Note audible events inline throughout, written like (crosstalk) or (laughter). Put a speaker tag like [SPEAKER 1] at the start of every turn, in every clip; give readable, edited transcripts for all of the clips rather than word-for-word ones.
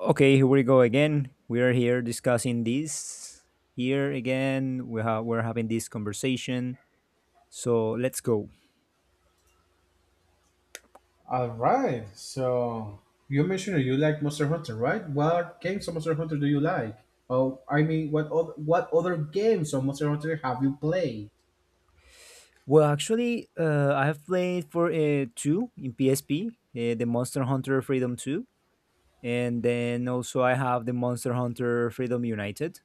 [SPEAKER 1] Okay, here we go again. We are here discussing this. Here again, we're having this conversation. So let's go.
[SPEAKER 2] All right. So you mentioned you like Monster Hunter, right? What games of Monster Hunter do you like? Oh, I mean, what other games of Monster Hunter have you played?
[SPEAKER 1] Well, actually, I have played for two in PSP, the Monster Hunter Freedom 2, and then also I have the Monster Hunter Freedom United,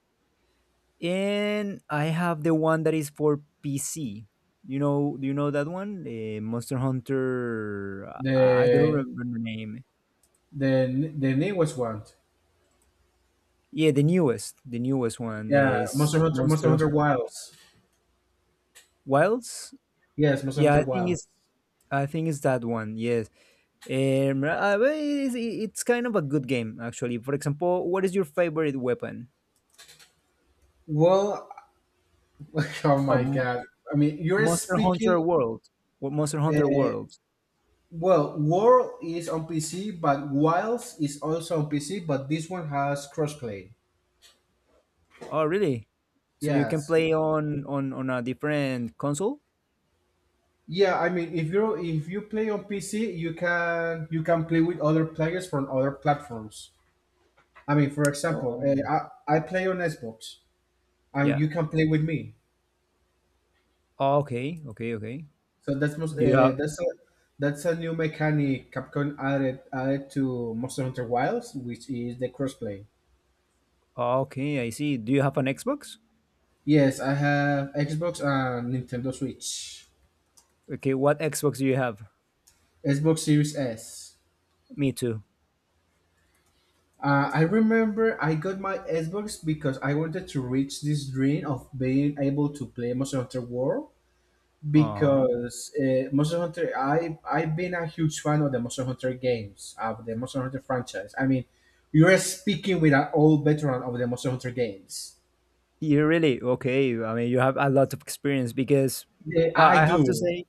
[SPEAKER 1] and I have the one that is for PC. Do you know that one? Monster Hunter. I don't
[SPEAKER 2] The
[SPEAKER 1] remember the name.
[SPEAKER 2] the newest one.
[SPEAKER 1] Yeah, the newest one
[SPEAKER 2] Yeah,
[SPEAKER 1] is
[SPEAKER 2] Monster Hunter Monster
[SPEAKER 1] Monster
[SPEAKER 2] Hunter Wilds.
[SPEAKER 1] Wilds.
[SPEAKER 2] Yes, Monster
[SPEAKER 1] Yeah, I
[SPEAKER 2] Hunter
[SPEAKER 1] think
[SPEAKER 2] Wilds.
[SPEAKER 1] it's I think it's that one. Yes, well, it's kind of a good game actually. For example, what is your favorite weapon?
[SPEAKER 2] Well, (laughs) oh my
[SPEAKER 1] Um,
[SPEAKER 2] god. I mean, you're
[SPEAKER 1] Monster Hunter
[SPEAKER 2] speaking.
[SPEAKER 1] World. What Monster Hunter
[SPEAKER 2] Uh,
[SPEAKER 1] World?
[SPEAKER 2] well, World is on PC, but Wilds is also on PC, but this one has crossplay.
[SPEAKER 1] Oh, really? So you can
[SPEAKER 2] Yes,
[SPEAKER 1] play on a different console?
[SPEAKER 2] yeah, I mean, if you play on PC, you can play with other players from other platforms. I mean, for example,
[SPEAKER 1] Oh,
[SPEAKER 2] I play on Xbox, and
[SPEAKER 1] yeah.
[SPEAKER 2] you can play with me.
[SPEAKER 1] Oh, okay, okay, okay.
[SPEAKER 2] So
[SPEAKER 1] Do you have?
[SPEAKER 2] that's a new mechanic Capcom added to Monster Hunter Wilds, which is the crossplay.
[SPEAKER 1] Okay, I see. Do you have an Xbox?
[SPEAKER 2] Yes, I have Xbox and Nintendo Switch,
[SPEAKER 1] Okay, what Xbox do you have?
[SPEAKER 2] Xbox Series S.
[SPEAKER 1] Me too.
[SPEAKER 2] I remember I got my Xbox because I wanted to reach this dream of being able to play Monster Hunter World
[SPEAKER 1] Aw.
[SPEAKER 2] because Monster Hunter I I've been a huge fan of the Monster Hunter games, of the Monster Hunter franchise. I mean, you're speaking with an old veteran of the Monster Hunter games.
[SPEAKER 1] You really okay. I mean, you have a lot of experience because
[SPEAKER 2] Yeah, I
[SPEAKER 1] I have to
[SPEAKER 2] do.
[SPEAKER 1] say,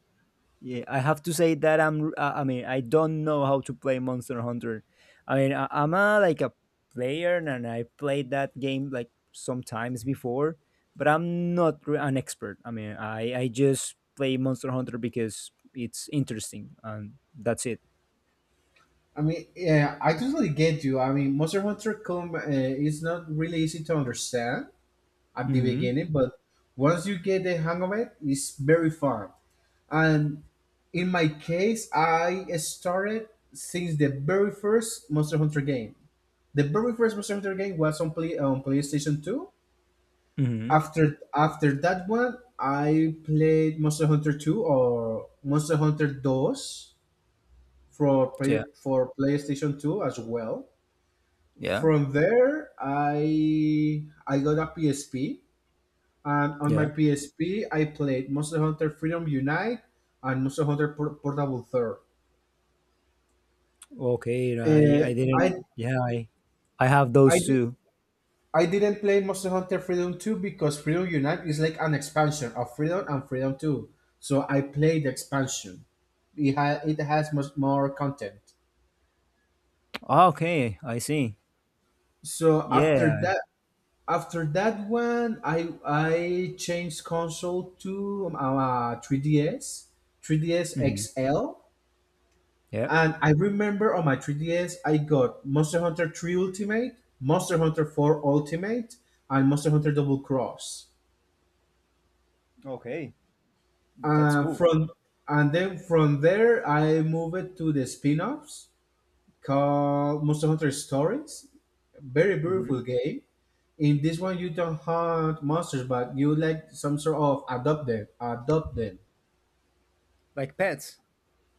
[SPEAKER 1] yeah, I have to say that I'm. I mean, I don't know how to play Monster Hunter. I mean, I'm a, like a player, and I played that game like sometimes before, but I'm not an expert. I mean, I just play Monster Hunter because it's interesting, and that's it.
[SPEAKER 2] I mean, yeah, I totally get you. I mean, Monster Hunter come is not really easy to understand at the
[SPEAKER 1] Mm-hmm.
[SPEAKER 2] beginning, but once you get the hang of it, it's very fun. And in my case, I started since the very first Monster Hunter game. The very first Monster Hunter game was on PlayStation 2.
[SPEAKER 1] Mm-hmm.
[SPEAKER 2] After that one, I played Monster Hunter 2 or Monster Hunter Dos
[SPEAKER 1] Yeah.
[SPEAKER 2] for PlayStation 2 as well.
[SPEAKER 1] Yeah.
[SPEAKER 2] From there, I got a PSP. And on my
[SPEAKER 1] Yeah.
[SPEAKER 2] PSP, I played Monster Hunter Freedom Unite and Monster Hunter Portable 3rd.
[SPEAKER 1] Okay. I
[SPEAKER 2] Uh,
[SPEAKER 1] I
[SPEAKER 2] I,
[SPEAKER 1] didn't. Yeah. I have
[SPEAKER 2] I,
[SPEAKER 1] those
[SPEAKER 2] di-
[SPEAKER 1] two.
[SPEAKER 2] I didn't play Monster Hunter Freedom 2 because Freedom Unite is like an expansion of Freedom and Freedom 2. So I played the expansion. It has much more content.
[SPEAKER 1] Okay, I see.
[SPEAKER 2] So
[SPEAKER 1] Yeah.
[SPEAKER 2] after that one, I changed console to 3DS
[SPEAKER 1] Mhm.
[SPEAKER 2] XL.
[SPEAKER 1] Yeah.
[SPEAKER 2] And I remember on my 3DS, I got Monster Hunter 3 Ultimate, Monster Hunter 4 Ultimate, and Monster Hunter Double Cross.
[SPEAKER 1] Okay, that's
[SPEAKER 2] And
[SPEAKER 1] cool.
[SPEAKER 2] from and then from there, I moved to the spin-offs called Monster Hunter Stories. Very
[SPEAKER 1] Hmm.
[SPEAKER 2] beautiful game. In this one, you don't hunt monsters, but you like some sort of adopt them. Adopt them.
[SPEAKER 1] Like pets.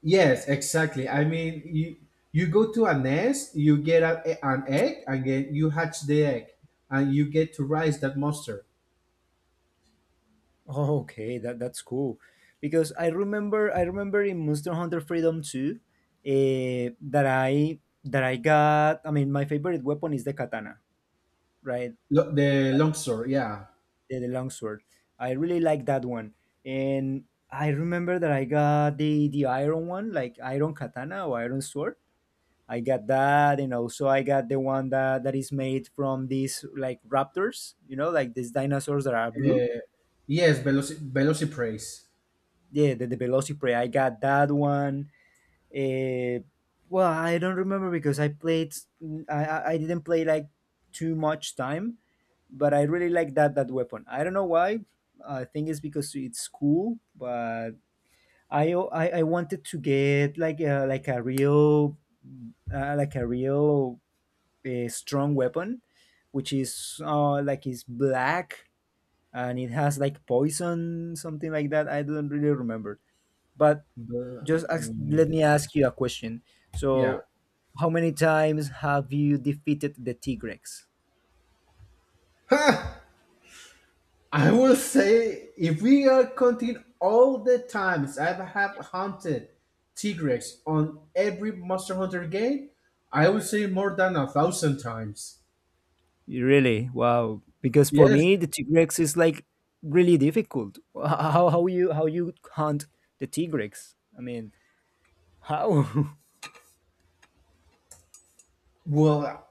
[SPEAKER 2] Yes, exactly. I mean, you go to a nest, you get an egg, and then you hatch the egg, and you get to raise that monster.
[SPEAKER 1] (laughs) Okay, that's cool. Because I remember in Monster Hunter Freedom 2, that I got. I mean, my favorite weapon is the katana, right?
[SPEAKER 2] The longsword. Yeah.
[SPEAKER 1] The longsword. I really like that one, and I remember that I got the iron one, like iron katana or iron sword. I got that, and also I got the one that is made from these like raptors, like these dinosaurs that are blue.
[SPEAKER 2] Yes, Velocipraise.
[SPEAKER 1] Yeah, the Velociprey. I got that one. Uh, well, I don't remember because I played. I didn't play like too much time, but I really like that weapon. I don't know why. I think it's because it's cool, but I wanted to get like a real, like a real a strong weapon, which is black and it has like poison, something like that. I don't really remember. But
[SPEAKER 2] The, um,
[SPEAKER 1] let me ask you a question.
[SPEAKER 2] yeah.
[SPEAKER 1] So, how many times have you defeated the Tigrex?
[SPEAKER 2] I will say if we are counting all the times I have hunted Tigrex on every Monster Hunter game, I would say more than a thousand times.
[SPEAKER 1] Really? Wow. Because for
[SPEAKER 2] Yes.
[SPEAKER 1] me, the Tigrex is like really difficult. How you hunt the Tigrex? I mean, how? (laughs)
[SPEAKER 2] Well,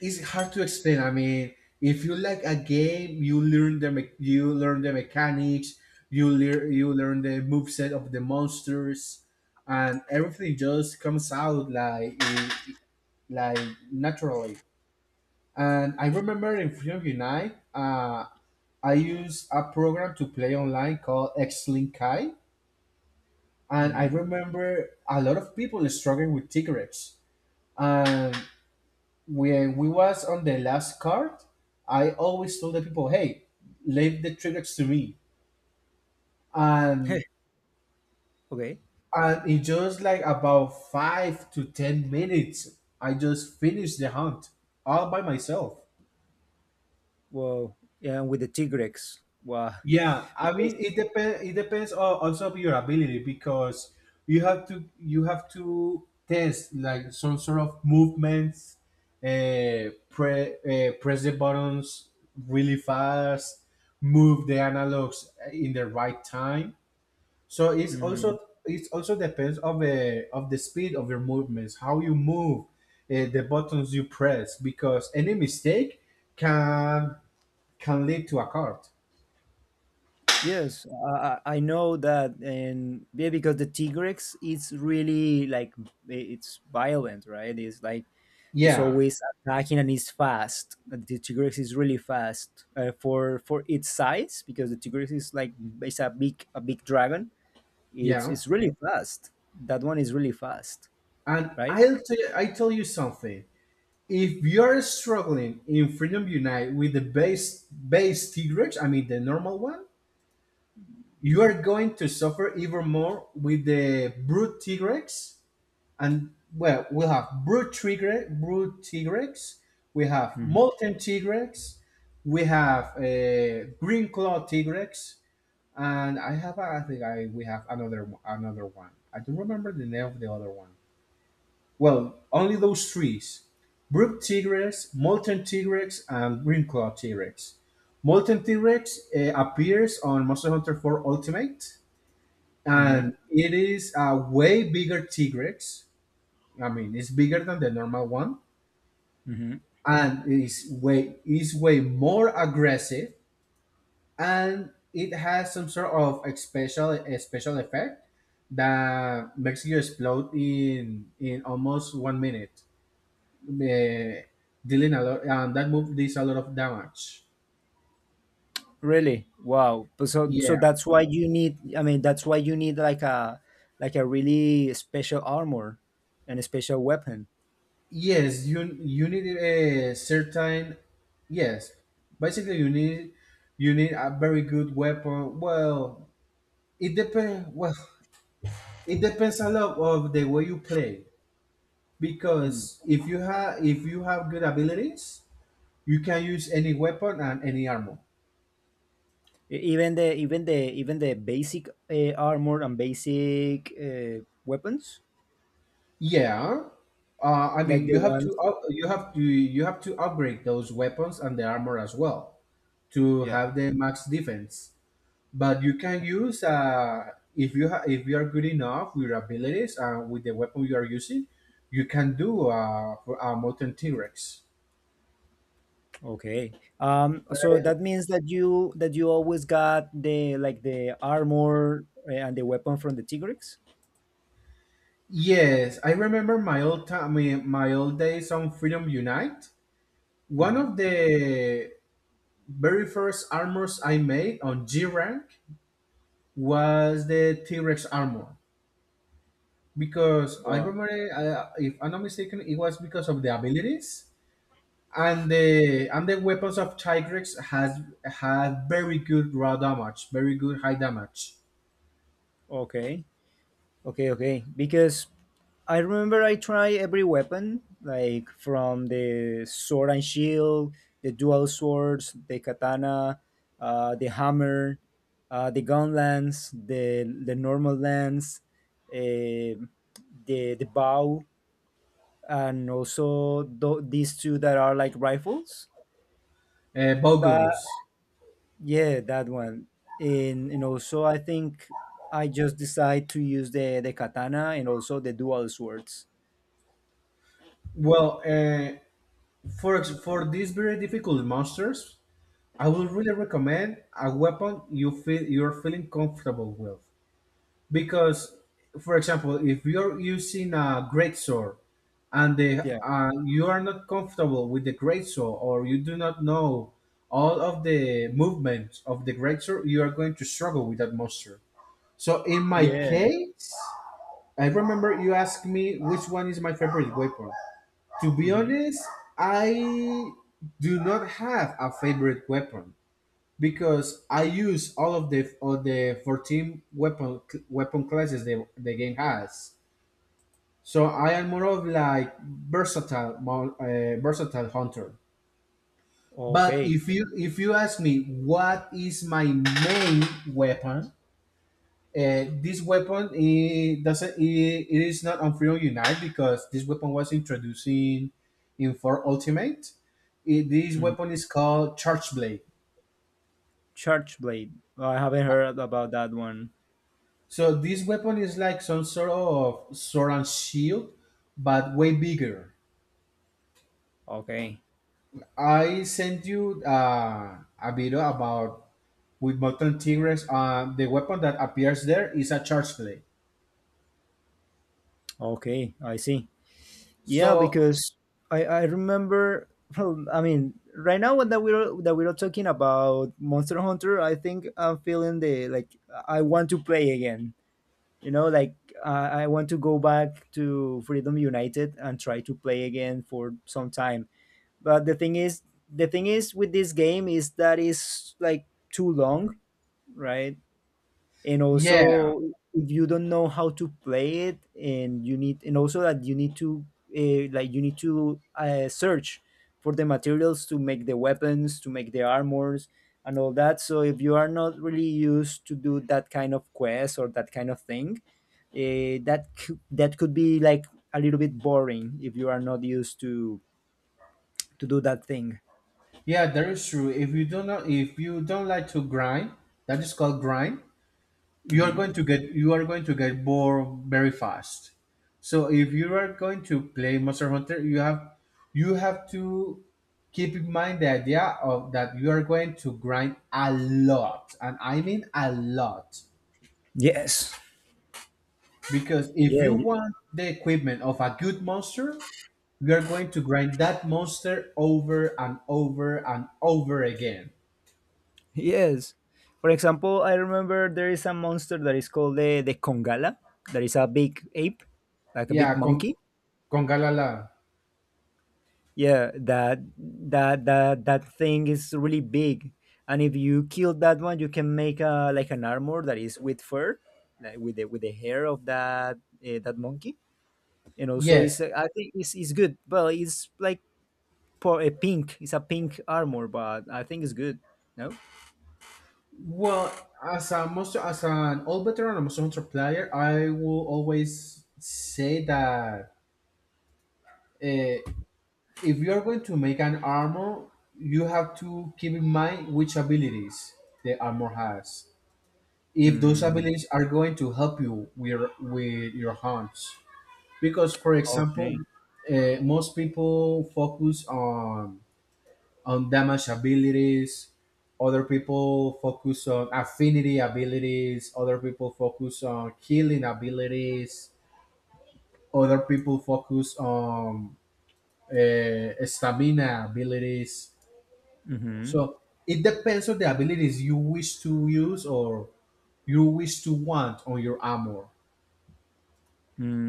[SPEAKER 2] it's hard to explain. I mean, if you like a game, you learn the mechanics, you learn the moveset of the monsters, and everything just comes out like naturally. And I remember in Freedom Unite, I used a program to play online called Xlink Kai, and I
[SPEAKER 1] Hmm.
[SPEAKER 2] remember a lot of people struggling with cigarettes. And when we was on the last card, I always told the people, "Hey, leave the triggers to me," and
[SPEAKER 1] (laughs) Okay.
[SPEAKER 2] and in just like about 5 to 10 minutes, I just finished the hunt all by myself.
[SPEAKER 1] Wow. Yeah, with the Tigrex. Wow.
[SPEAKER 2] Yeah, I
[SPEAKER 1] Because.
[SPEAKER 2] mean it depends. It depends also of your ability because you have to test like some sort of movements, press the buttons really fast, move the analogs in the right time. So
[SPEAKER 1] Mhm.
[SPEAKER 2] it also depends of the speed of your movements, how you move, the buttons you press because any mistake can can lead to a card.
[SPEAKER 1] Yes, I know that, and yeah, because the Tigrex, it's really like it's violent, right? It's like it's
[SPEAKER 2] Yeah,
[SPEAKER 1] always attacking and it's fast. The Tigrex is really fast for its size because the Tigrex is like it's a big dragon. It's
[SPEAKER 2] yeah.
[SPEAKER 1] it's really fast. That one is really fast,
[SPEAKER 2] And
[SPEAKER 1] right?
[SPEAKER 2] I tell you something. If you're struggling in Freedom Unite with the base Tigrex, I mean the normal one, you are going to suffer even more with the brute Tigrex. And well, we'll have brute Tigrex. We have
[SPEAKER 1] Mm-hmm.
[SPEAKER 2] molten Tigrex. We have green claw Tigrex, and I think, I we have another one. I don't remember the name of the other one. Well, only those trees. Brook T-rex, Molten T-rex, and Greenclaw T-rex. Molten T-rex appears on Monster Hunter 4 Ultimate, and it is a way bigger T-rex. I mean, it's bigger than the normal one,
[SPEAKER 1] Mm-hmm.
[SPEAKER 2] and it is way more aggressive, and it has some sort of a special effect that makes you explode in almost 1 minute, uh, dealing a lot, and that move does a lot of damage.
[SPEAKER 1] Really? Wow. But so,
[SPEAKER 2] Yeah.
[SPEAKER 1] that's why you need I mean that's why you need like a really special armor and a special weapon.
[SPEAKER 2] Yes, you need a certain. Yes, basically you need a very good weapon. Well, it depends. Well, it depends a lot of the way you play
[SPEAKER 1] Mm.
[SPEAKER 2] because if you have good abilities, you can use any weapon and any armor.
[SPEAKER 1] Even the basic armor and basic weapons
[SPEAKER 2] Yeah. I
[SPEAKER 1] like
[SPEAKER 2] mean,
[SPEAKER 1] the ones,
[SPEAKER 2] you have to upgrade those weapons and the armor as well, to
[SPEAKER 1] yeah.
[SPEAKER 2] have the max defense. But you can use if you if you are good enough with your abilities and with the weapon you are using, you can do for a mountain T Rex.
[SPEAKER 1] Okay. So that means that you always got the armor and the weapon from the Tigrex?
[SPEAKER 2] Yes, I remember my old days on Freedom Unite. One
[SPEAKER 1] Mhm.
[SPEAKER 2] of the very first armors I made on G rank was the T Rex armor because I
[SPEAKER 1] Wow.
[SPEAKER 2] remember, if I'm not mistaken, it was because of the abilities and the weapons of Tigrex has had very good raw damage, very good high damage.
[SPEAKER 1] Okay. Okay, okay. Because I remember I tried every weapon, like from the sword and shield, the dual swords, the katana, the hammer, the gun lance, the normal lance, the bow, and also these two that are like rifles. But
[SPEAKER 2] Bowguns.
[SPEAKER 1] yeah, that one. And also I think I just decide to use the katana and also the dual swords.
[SPEAKER 2] Well, for these very difficult monsters, I would really recommend a weapon you're feeling comfortable with, because for example if you're using a great saw and the
[SPEAKER 1] Yeah,
[SPEAKER 2] you are not comfortable with the great saw, or you do not know all of the movements of the great saw, you are going to struggle with that monster. So in my
[SPEAKER 1] yeah.
[SPEAKER 2] case, I remember you asked me which one is my favorite weapon. To be
[SPEAKER 1] Hmm.
[SPEAKER 2] honest, I do not have a favorite weapon, because I use all of the 14 weapon classes the game has. So I am more of like versatile versatile hunter. But
[SPEAKER 1] Okay.
[SPEAKER 2] if you ask me what is my main weapon, this weapon it doesn't it, it is not on Free Unite because this weapon was introduced in for Ultimate. This
[SPEAKER 1] Mm.
[SPEAKER 2] weapon is called Charge Blade.
[SPEAKER 1] Church Blade. I haven't heard about that one.
[SPEAKER 2] So this weapon is like some sort of sword and shield, but way bigger.
[SPEAKER 1] Okay,
[SPEAKER 2] I sent you a video about with molten tigres. The weapon that appears there is a charge blade.
[SPEAKER 1] okay, I see. Yeah,
[SPEAKER 2] So
[SPEAKER 1] because I remember. Well, I mean, right now when that we're talking about Monster Hunter, I think I'm feeling the like I want to play again. Like I want to go back to Freedom United and try to play again for some time. But the thing is with this game is that is like too long, right? And
[SPEAKER 2] yeah,
[SPEAKER 1] also, if you don't know how to play it, and you need, and also that you need to, like, you need to search for the materials to make the weapons, to make the armors, and all that. So if you are not really used to do that kind of quest or that kind of thing, that could be like a little bit boring if you are not used to do that thing.
[SPEAKER 2] yeah, that is true. If you don't like to grind, that is called grind. you are
[SPEAKER 1] Mhm.
[SPEAKER 2] going to get you are going to get bored very fast. So if you are going to play Monster Hunter, you have to keep in mind the idea of that you are going to grind a lot, and I mean a lot,
[SPEAKER 1] Yes.
[SPEAKER 2] because if you
[SPEAKER 1] Yeah.
[SPEAKER 2] want the equipment of a good monster, you are going to grind that monster over and over and over again.
[SPEAKER 1] Yes. For example, I remember there is a monster that is called the Kongala, that is a big ape, like a big
[SPEAKER 2] Yeah, con,
[SPEAKER 1] monkey.
[SPEAKER 2] con galala.
[SPEAKER 1] Yeah, that thing is really big. And if you kill that one, you can make a like an armor that is with fur, like with the hair of that monkey. And also
[SPEAKER 2] Yes.
[SPEAKER 1] it's I think it's good. Well, it's like for a pink. It's a pink armor, but I think it's good. No?
[SPEAKER 2] Well, as a most as an all veteran and monster hunter player, I will always say that uh, if you are going to make an armor, you have to keep in mind which abilities the armor has, if those
[SPEAKER 1] Hmm.
[SPEAKER 2] abilities are going to help you with your hunts, because for example,
[SPEAKER 1] Okay.
[SPEAKER 2] most people focus on damage abilities. Other people focus on affinity abilities. Other people focus on healing abilities. Other people focus on stamina abilities.
[SPEAKER 1] Mhm.
[SPEAKER 2] So it depends on the abilities you wish to use, or you wish to want on your armor.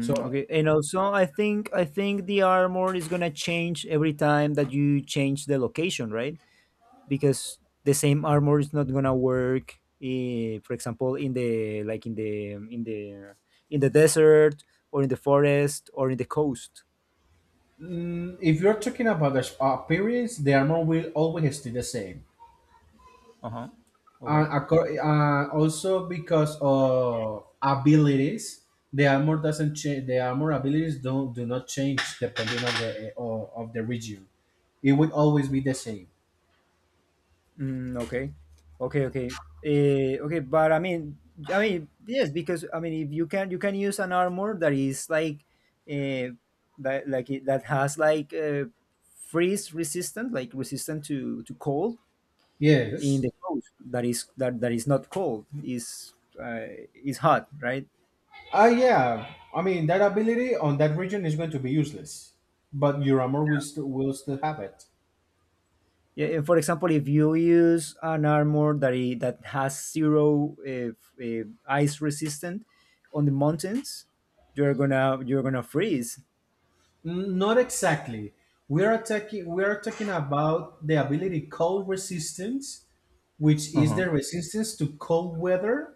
[SPEAKER 2] So
[SPEAKER 1] okay, and also I think the armor is gonna change every time that you change the location, right? Because the same armor is not gonna work, for example, in the like in the desert or in the forest or in the coast.
[SPEAKER 2] if you're talking about the appearance, the armor will always stay the same.
[SPEAKER 1] Uh huh.
[SPEAKER 2] And
[SPEAKER 1] Okay.
[SPEAKER 2] also, because of abilities, the armor doesn't change. The armor abilities don't do not change depending on the of the region. It would always be the same.
[SPEAKER 1] Mm, okay, okay, okay, okay. But I mean, yes, because I mean, if you can, you can use an armor that is like, uh, that has like freeze resistant, like resistant to cold in
[SPEAKER 2] Yes.
[SPEAKER 1] the coast that is that is not cold, uh, is hot, right?
[SPEAKER 2] Ah, yeah, I mean that ability on that region is going to be useless, but your armor will still have it.
[SPEAKER 1] Yeah, and for example, if you use an armor that has zero ice resistant on the mountains, you're gonna freeze.
[SPEAKER 2] Not exactly. We are talking about the ability cold resistance, which
[SPEAKER 1] Uh
[SPEAKER 2] is
[SPEAKER 1] huh.
[SPEAKER 2] the resistance to cold weather,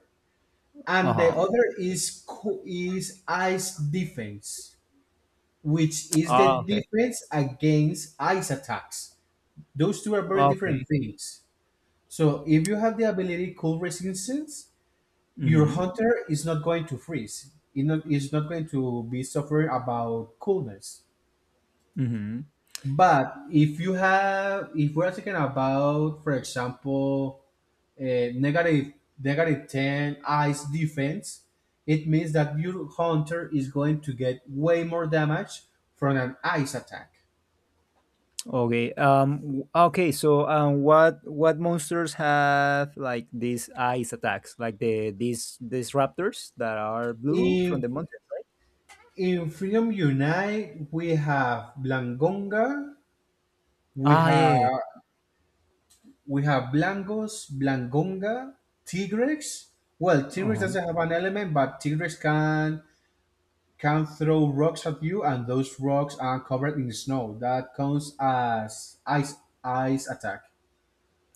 [SPEAKER 2] and the other is is ice defense, which is the defense against ice attacks. Those two are very different
[SPEAKER 1] Okay.
[SPEAKER 2] things. So if you have the ability cold resistance, your
[SPEAKER 1] Mm-hmm.
[SPEAKER 2] hunter is not going to freeze. It not, is not going to be suffering about coolness.
[SPEAKER 1] Mm-hmm.
[SPEAKER 2] But if you have, if we're talking about, for example, a negative ten ice defense, it means that your hunter is going to get way more damage from an ice attack.
[SPEAKER 1] Okay. Okay. So, what monsters have like these ice attacks, like these raptors that are blue from
[SPEAKER 2] In
[SPEAKER 1] the mountain?
[SPEAKER 2] in Freedom Unite, we have Blangonga, we
[SPEAKER 1] Ah,
[SPEAKER 2] have
[SPEAKER 1] yeah.
[SPEAKER 2] we have Blangos, Blangonga, Tigrex. Well, Tigrex
[SPEAKER 1] Uh-huh.
[SPEAKER 2] doesn't have an element, but Tigrex can throw rocks at you, and those rocks are covered in snow. That counts as ice attack.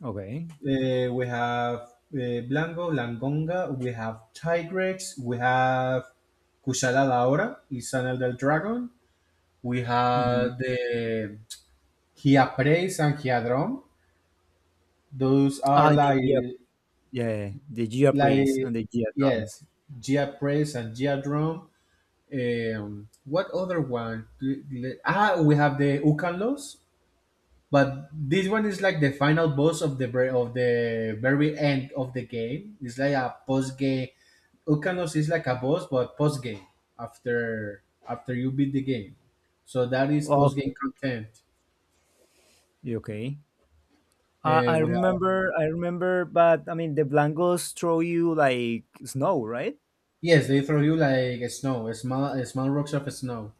[SPEAKER 1] Okay.
[SPEAKER 2] We have Blanco, Langonga, we have Tigrex, we have Kushala Daora, is an elder dragon. We
[SPEAKER 1] Mm-hmm.
[SPEAKER 2] have the Giapres and Giadron. Those are
[SPEAKER 1] Ah, the
[SPEAKER 2] like,
[SPEAKER 1] Gia, yeah, the Gia priests
[SPEAKER 2] like
[SPEAKER 1] and the Gia drums.
[SPEAKER 2] yes, Giapres and Giadron. What other one? We have the Ukanlos. But this one is like the final boss of the very end of the game. It's like a post game. Ukanos is like a boss, but post game after after you beat the game. So that is post game
[SPEAKER 1] Okay,
[SPEAKER 2] content.
[SPEAKER 1] okay. I
[SPEAKER 2] Where
[SPEAKER 1] remember, I remember, but I mean, the Blancos throw you like snow, right?
[SPEAKER 2] yes, they throw you like snow, small rocks of snow.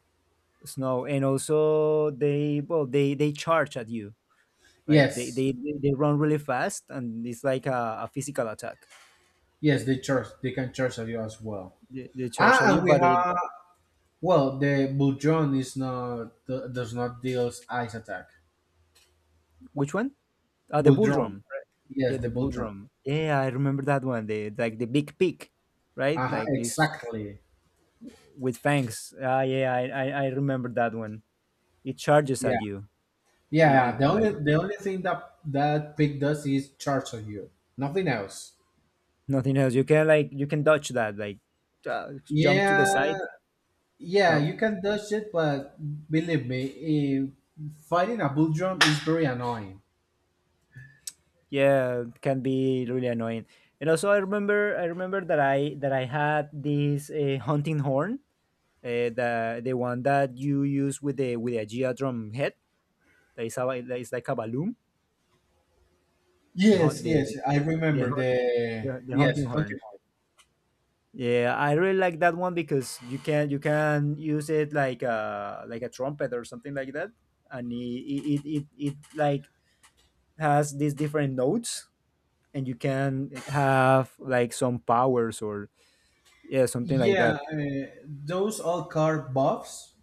[SPEAKER 1] Snow, and also well, they charge at you, like they
[SPEAKER 2] Yes,
[SPEAKER 1] they they they run really fast, and it's like a physical attack.
[SPEAKER 2] yes, they charge. They can charge at you as well.
[SPEAKER 1] They
[SPEAKER 2] Ah,
[SPEAKER 1] charge at you,
[SPEAKER 2] and we
[SPEAKER 1] but it.
[SPEAKER 2] have well, the Buldron is not do- does not deals ice attack.
[SPEAKER 1] Which one? The bull
[SPEAKER 2] Buldron,
[SPEAKER 1] drum. Yeah,
[SPEAKER 2] yes, the
[SPEAKER 1] the bull
[SPEAKER 2] Buldron.
[SPEAKER 1] drum. Yeah, I remember that one. The, like, the big pig, right?
[SPEAKER 2] Uh-huh,
[SPEAKER 1] Like it's
[SPEAKER 2] exactly.
[SPEAKER 1] with fangs. Ah, yeah, I remember that one. It charges at
[SPEAKER 2] Yeah.
[SPEAKER 1] you,
[SPEAKER 2] Yeah. Yeah. The only
[SPEAKER 1] like
[SPEAKER 2] the only thing that that pig does is charge on you. Nothing else.
[SPEAKER 1] nothing else. You can dodge that, like jump to the
[SPEAKER 2] Yeah.
[SPEAKER 1] side.
[SPEAKER 2] Yeah.
[SPEAKER 1] No,
[SPEAKER 2] You can dodge it, but believe me, fighting a bull drum is very annoying.
[SPEAKER 1] yeah, it can be really annoying. And also, I remember that I had this hunting horn, the one that you use with a geodrum head. That is like a balloon. The
[SPEAKER 2] Yes.
[SPEAKER 1] hunt
[SPEAKER 2] Yes. I
[SPEAKER 1] the,
[SPEAKER 2] remember
[SPEAKER 1] hun-
[SPEAKER 2] the
[SPEAKER 1] the
[SPEAKER 2] yes
[SPEAKER 1] hunting
[SPEAKER 2] hunting
[SPEAKER 1] horn.
[SPEAKER 2] horn.
[SPEAKER 1] Yeah, I really like that one because you can use it like a trumpet or something like that, and it like has these different notes, and you can have like some powers or yeah something like
[SPEAKER 2] Yeah.
[SPEAKER 1] that.
[SPEAKER 2] Those all car buffs.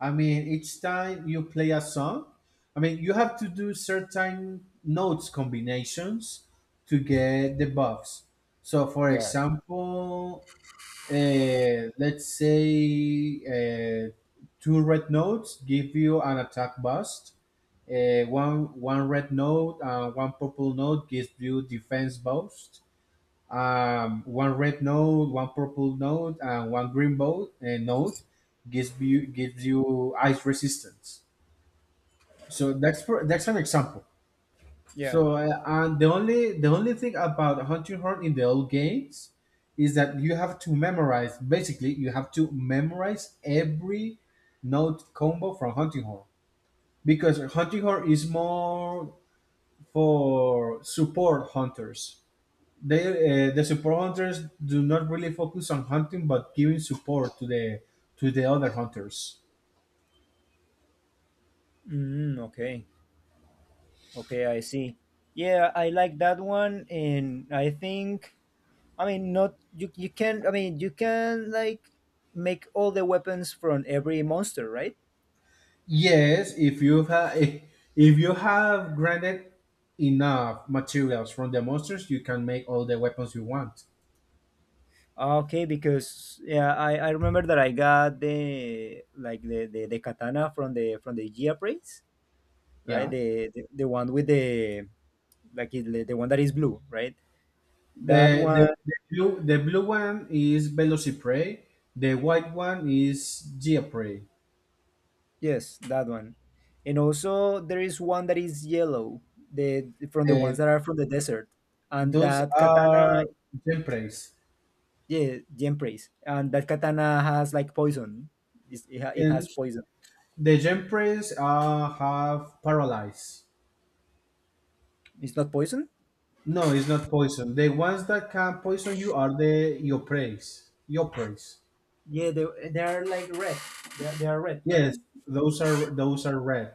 [SPEAKER 2] I mean, each time you play a song, I mean, you have to do certain notes combinations to get the buffs. So, for
[SPEAKER 1] Yeah.
[SPEAKER 2] example, let's say two red notes give you an attack boost. One red note and one purple note gives you defense boost. One red node, one purple node, and one green boat, node gives you ice resistance. So that's an example.
[SPEAKER 1] Yeah.
[SPEAKER 2] So and the only thing about hunting horn in the old games is that you have to memorize. Basically, you have to memorize every node combo from hunting horn, because hunting horn is more for support hunters. they the support hunters do not really focus on hunting, but giving support to the other hunters.
[SPEAKER 1] Mm, okay. Okay, I see. Yeah, I like that one, and I think I mean not you. You can I mean you can like make all the weapons from every monster, right?
[SPEAKER 2] Yes, if you have (laughs) if you have granted enough materials from the monsters, you can make all the weapons you want.
[SPEAKER 1] Ah, okay, because yeah, I remember that I got the katana from the Gia Praise, right?
[SPEAKER 2] Yeah,
[SPEAKER 1] The one with the like it- the one that is blue, right? That one,
[SPEAKER 2] the blue one is velociprey, the white one is geoprey,
[SPEAKER 1] yes, that one. And also there is one that is yellow, the from the ones
[SPEAKER 2] and
[SPEAKER 1] that are from the desert. And
[SPEAKER 2] those
[SPEAKER 1] that katana,
[SPEAKER 2] are gempreys.
[SPEAKER 1] yeah, Gem Praise. And that katana has like poison. It
[SPEAKER 2] And
[SPEAKER 1] has poison.
[SPEAKER 2] the gempreys have paralyze.
[SPEAKER 1] It's not poison?
[SPEAKER 2] No, it's not poison. The ones that can poison you are the your praise, your Yopreys.
[SPEAKER 1] Yeah, they are like red. They are red, right?
[SPEAKER 2] Yes, those are red.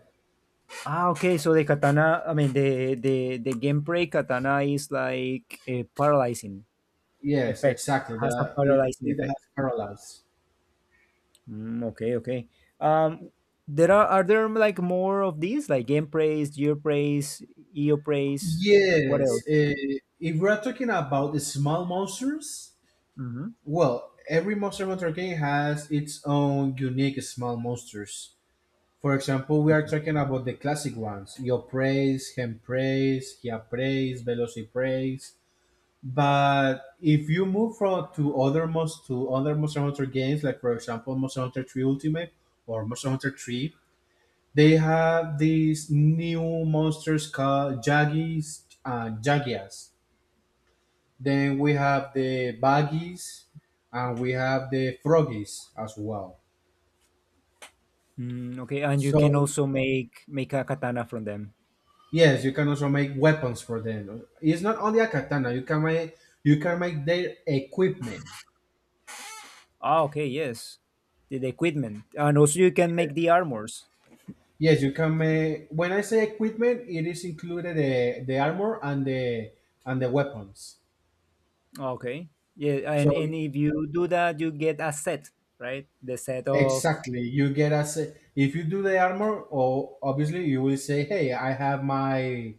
[SPEAKER 1] Ah, okay. So the katana, I mean the gameplay katana is like a paralyzing
[SPEAKER 2] Yes,
[SPEAKER 1] effect.
[SPEAKER 2] exactly.
[SPEAKER 1] Has a
[SPEAKER 2] The, it,
[SPEAKER 1] paralyzing
[SPEAKER 2] it
[SPEAKER 1] effect.
[SPEAKER 2] has paralyzed.
[SPEAKER 1] Mm, okay, okay. Um, there are there like more of these like gameplays, geoprays, eoprays? What else?
[SPEAKER 2] Yes. If we're talking about the small monsters,
[SPEAKER 1] Mm-hmm.
[SPEAKER 2] well, every Monster Hunter game has its own unique small monsters. For example, we are talking about the classic ones: your Yopreys, Hempreys, Hiapreys, Velocipreys. But if you move from to other most to other Monster Hunter games, like for example Monster Hunter 3 Ultimate or Monster Hunter 3, they have these new monsters called Jaggies and Jagias. Then we have the Baggies, and we have the Froggies as well.
[SPEAKER 1] Mm, okay, and you can
[SPEAKER 2] So
[SPEAKER 1] also make a katana from them.
[SPEAKER 2] yes, you can also make weapons for them. It's not only a katana, you can make their equipment.
[SPEAKER 1] Ah, okay, yes. The equipment, and also you can make the armors.
[SPEAKER 2] Yes, you can make. When I say equipment, it is included the armor and the weapons.
[SPEAKER 1] Okay. Yeah,
[SPEAKER 2] So
[SPEAKER 1] and if you do that, you get a set, right? The set of.
[SPEAKER 2] exactly, you get as if you do the armor, or obviously you will say, "Hey, I have my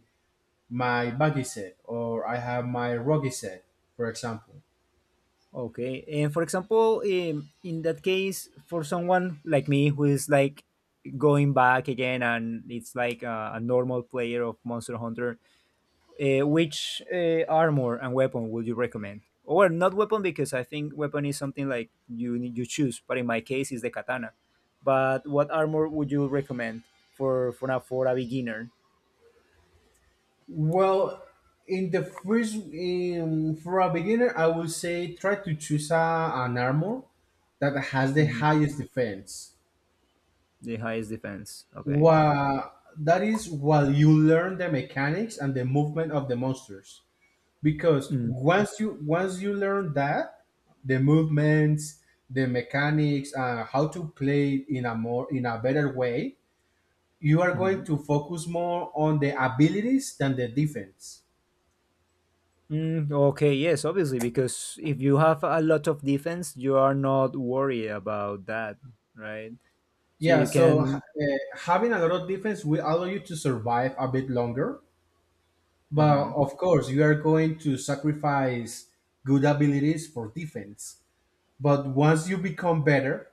[SPEAKER 2] my buggy set, or I have my rocky set, for example."
[SPEAKER 1] Okay. And for example, in that case, for someone like me who is like going back again and it's like a normal player of Monster Hunter, which armor and weapon would you recommend? Or not weapon because I think weapon is something like you choose, but in my case, it's the katana. But what armor would you recommend for a beginner?
[SPEAKER 2] Well, in the first, in, for a beginner, I would say try to choose an armor that has the highest defense,
[SPEAKER 1] The highest defense. Okay.
[SPEAKER 2] Wha that is, while you learn the mechanics and the movement of the monsters. Because
[SPEAKER 1] Mm-hmm.
[SPEAKER 2] once you learn that, the movements, the mechanics, how to play in a more in a better way, you are going to focus more on the abilities than the defense.
[SPEAKER 1] Mm, okay, yes, obviously, because if you have a lot of defense, you are not worried about that, right? So
[SPEAKER 2] Yeah,
[SPEAKER 1] you
[SPEAKER 2] so
[SPEAKER 1] can.
[SPEAKER 2] having a lot of defense will allow you to survive a bit longer, but
[SPEAKER 1] Hmm.
[SPEAKER 2] of course you are going to sacrifice good abilities for defense. But once you become better,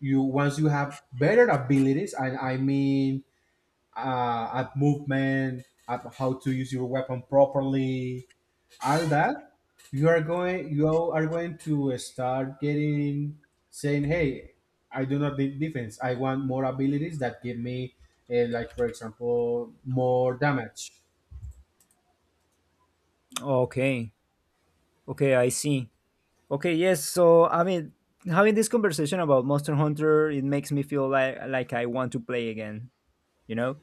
[SPEAKER 2] you once you have better abilities, and I mean, at movement, at how to use your weapon properly, all that, you are going to start getting saying, "Hey, I do not need defense. I want more abilities that give me, like for example, more damage."
[SPEAKER 1] Okay, okay, I see. Okay, yes. So I mean, having this conversation about Monster Hunter, it makes me feel like I want to play again. You know.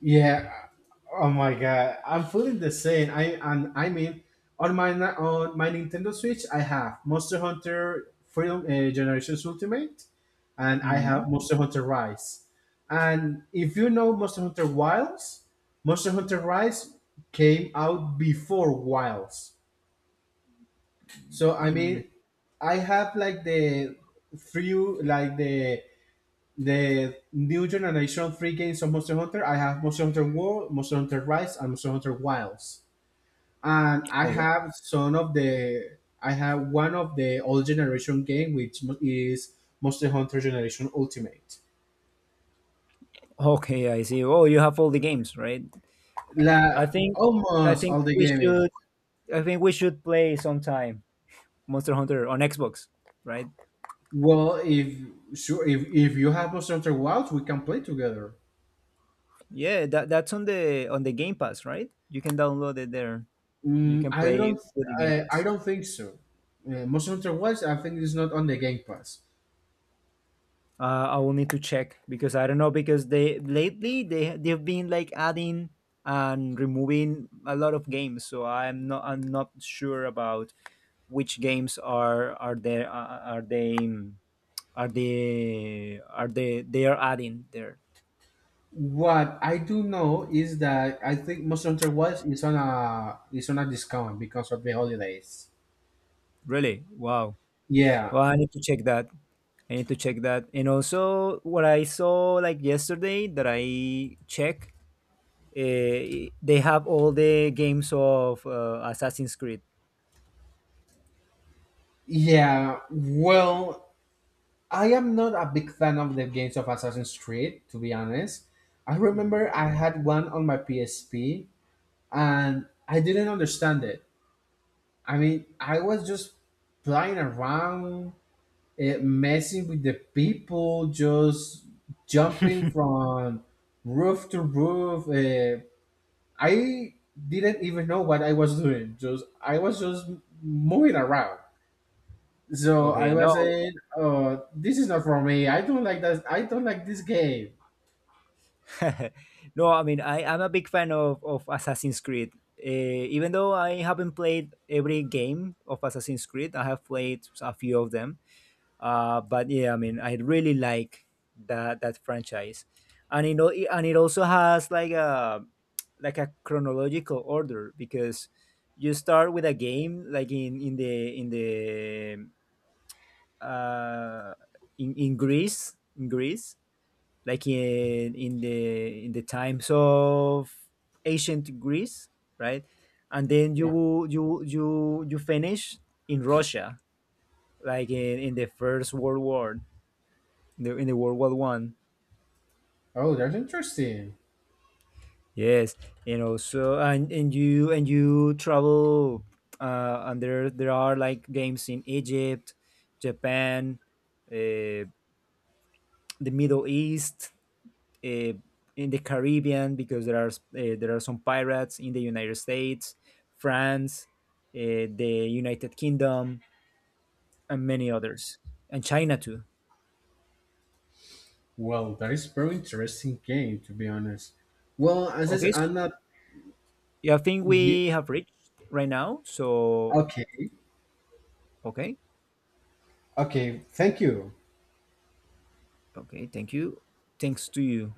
[SPEAKER 2] Yeah. Oh my god, I'm feeling the same. I and I mean, on my Nintendo Switch, I have Monster Hunter Freedom Generations Ultimate, and I
[SPEAKER 1] Hmm.
[SPEAKER 2] have Monster Hunter Rise. And if you know Monster Hunter Wilds, Monster Hunter Rise came out before Wilds. So I mean, I have like the few like the new generation of free games of Monster Hunter. I have Monster Hunter World, Monster Hunter Rise, and Monster Hunter Wilds. And I
[SPEAKER 1] Okay.
[SPEAKER 2] have some of the I have one of the old generation game, which is Monster Hunter Generation Ultimate.
[SPEAKER 1] Okay, I see. Oh, you have all the games, right? I
[SPEAKER 2] La
[SPEAKER 1] think, I
[SPEAKER 2] almost
[SPEAKER 1] think
[SPEAKER 2] all the
[SPEAKER 1] we
[SPEAKER 2] game is
[SPEAKER 1] should, I think we should play sometime. Monster Hunter on Xbox, right?
[SPEAKER 2] well. If Sure, if you have Monster Hunter Wilds, we can play together.
[SPEAKER 1] Yeah, that's on the Game Pass, right? You can download it there. You
[SPEAKER 2] Mm,
[SPEAKER 1] can
[SPEAKER 2] I don't.
[SPEAKER 1] play with the Game
[SPEAKER 2] I,
[SPEAKER 1] Pass.
[SPEAKER 2] I don't think so. Monster Hunter Wilds, I think, is not on the Game Pass.
[SPEAKER 1] I will need to check because I don't know because they lately they they've been like adding and removing a lot of games, so I'm not sure about which games are there are they are they are they are adding there.
[SPEAKER 2] What I do know is that I think Monster Hunter World is on a discount because of the holidays.
[SPEAKER 1] Really? Wow.
[SPEAKER 2] Yeah,
[SPEAKER 1] Well, I need to check that. I need to check that. And also, what I saw like yesterday that I check, uh, they have all the games of Assassin's Creed.
[SPEAKER 2] yeah. Well, I am not a big fan of the games of Assassin's Creed, to be honest. I
[SPEAKER 1] Hmm.
[SPEAKER 2] remember I had one on my PSP, and I didn't understand it. I mean, I was just playing around, messing with the people, just jumping from roof to roof, I didn't even know what I was doing. Just I was just moving around. So I
[SPEAKER 1] Okay,
[SPEAKER 2] was
[SPEAKER 1] no,
[SPEAKER 2] saying, "Oh, this is not for me. I don't like that. I don't like this game."
[SPEAKER 1] (laughs) no. I mean, I am a big fan of Assassin's Creed. Even though I haven't played every game of Assassin's Creed, I have played a few of them. But yeah, I mean, I really like that franchise, and it also has like a chronological order because you start with a game like uh, in Greece, like in in the in the times of ancient Greece, right? And then you
[SPEAKER 2] Yeah.
[SPEAKER 1] you you you finish in Russia, like in the First World War, in the World War I.
[SPEAKER 2] Oh, that's interesting.
[SPEAKER 1] Yes, and also and you travel and there are like games in Egypt, Japan, uh, the Middle East, uh, in the Caribbean because there are some pirates in the United States, France, the United Kingdom, and many others, and China too.
[SPEAKER 2] Well, that is very interesting game, to be honest. Well, as I said,
[SPEAKER 1] Okay,
[SPEAKER 2] I'm
[SPEAKER 1] so
[SPEAKER 2] not.
[SPEAKER 1] yeah, I think
[SPEAKER 2] ye-
[SPEAKER 1] we have reached right now. So
[SPEAKER 2] Okay.
[SPEAKER 1] okay.
[SPEAKER 2] Okay. Thank you.
[SPEAKER 1] Okay, thank you. Thanks to you.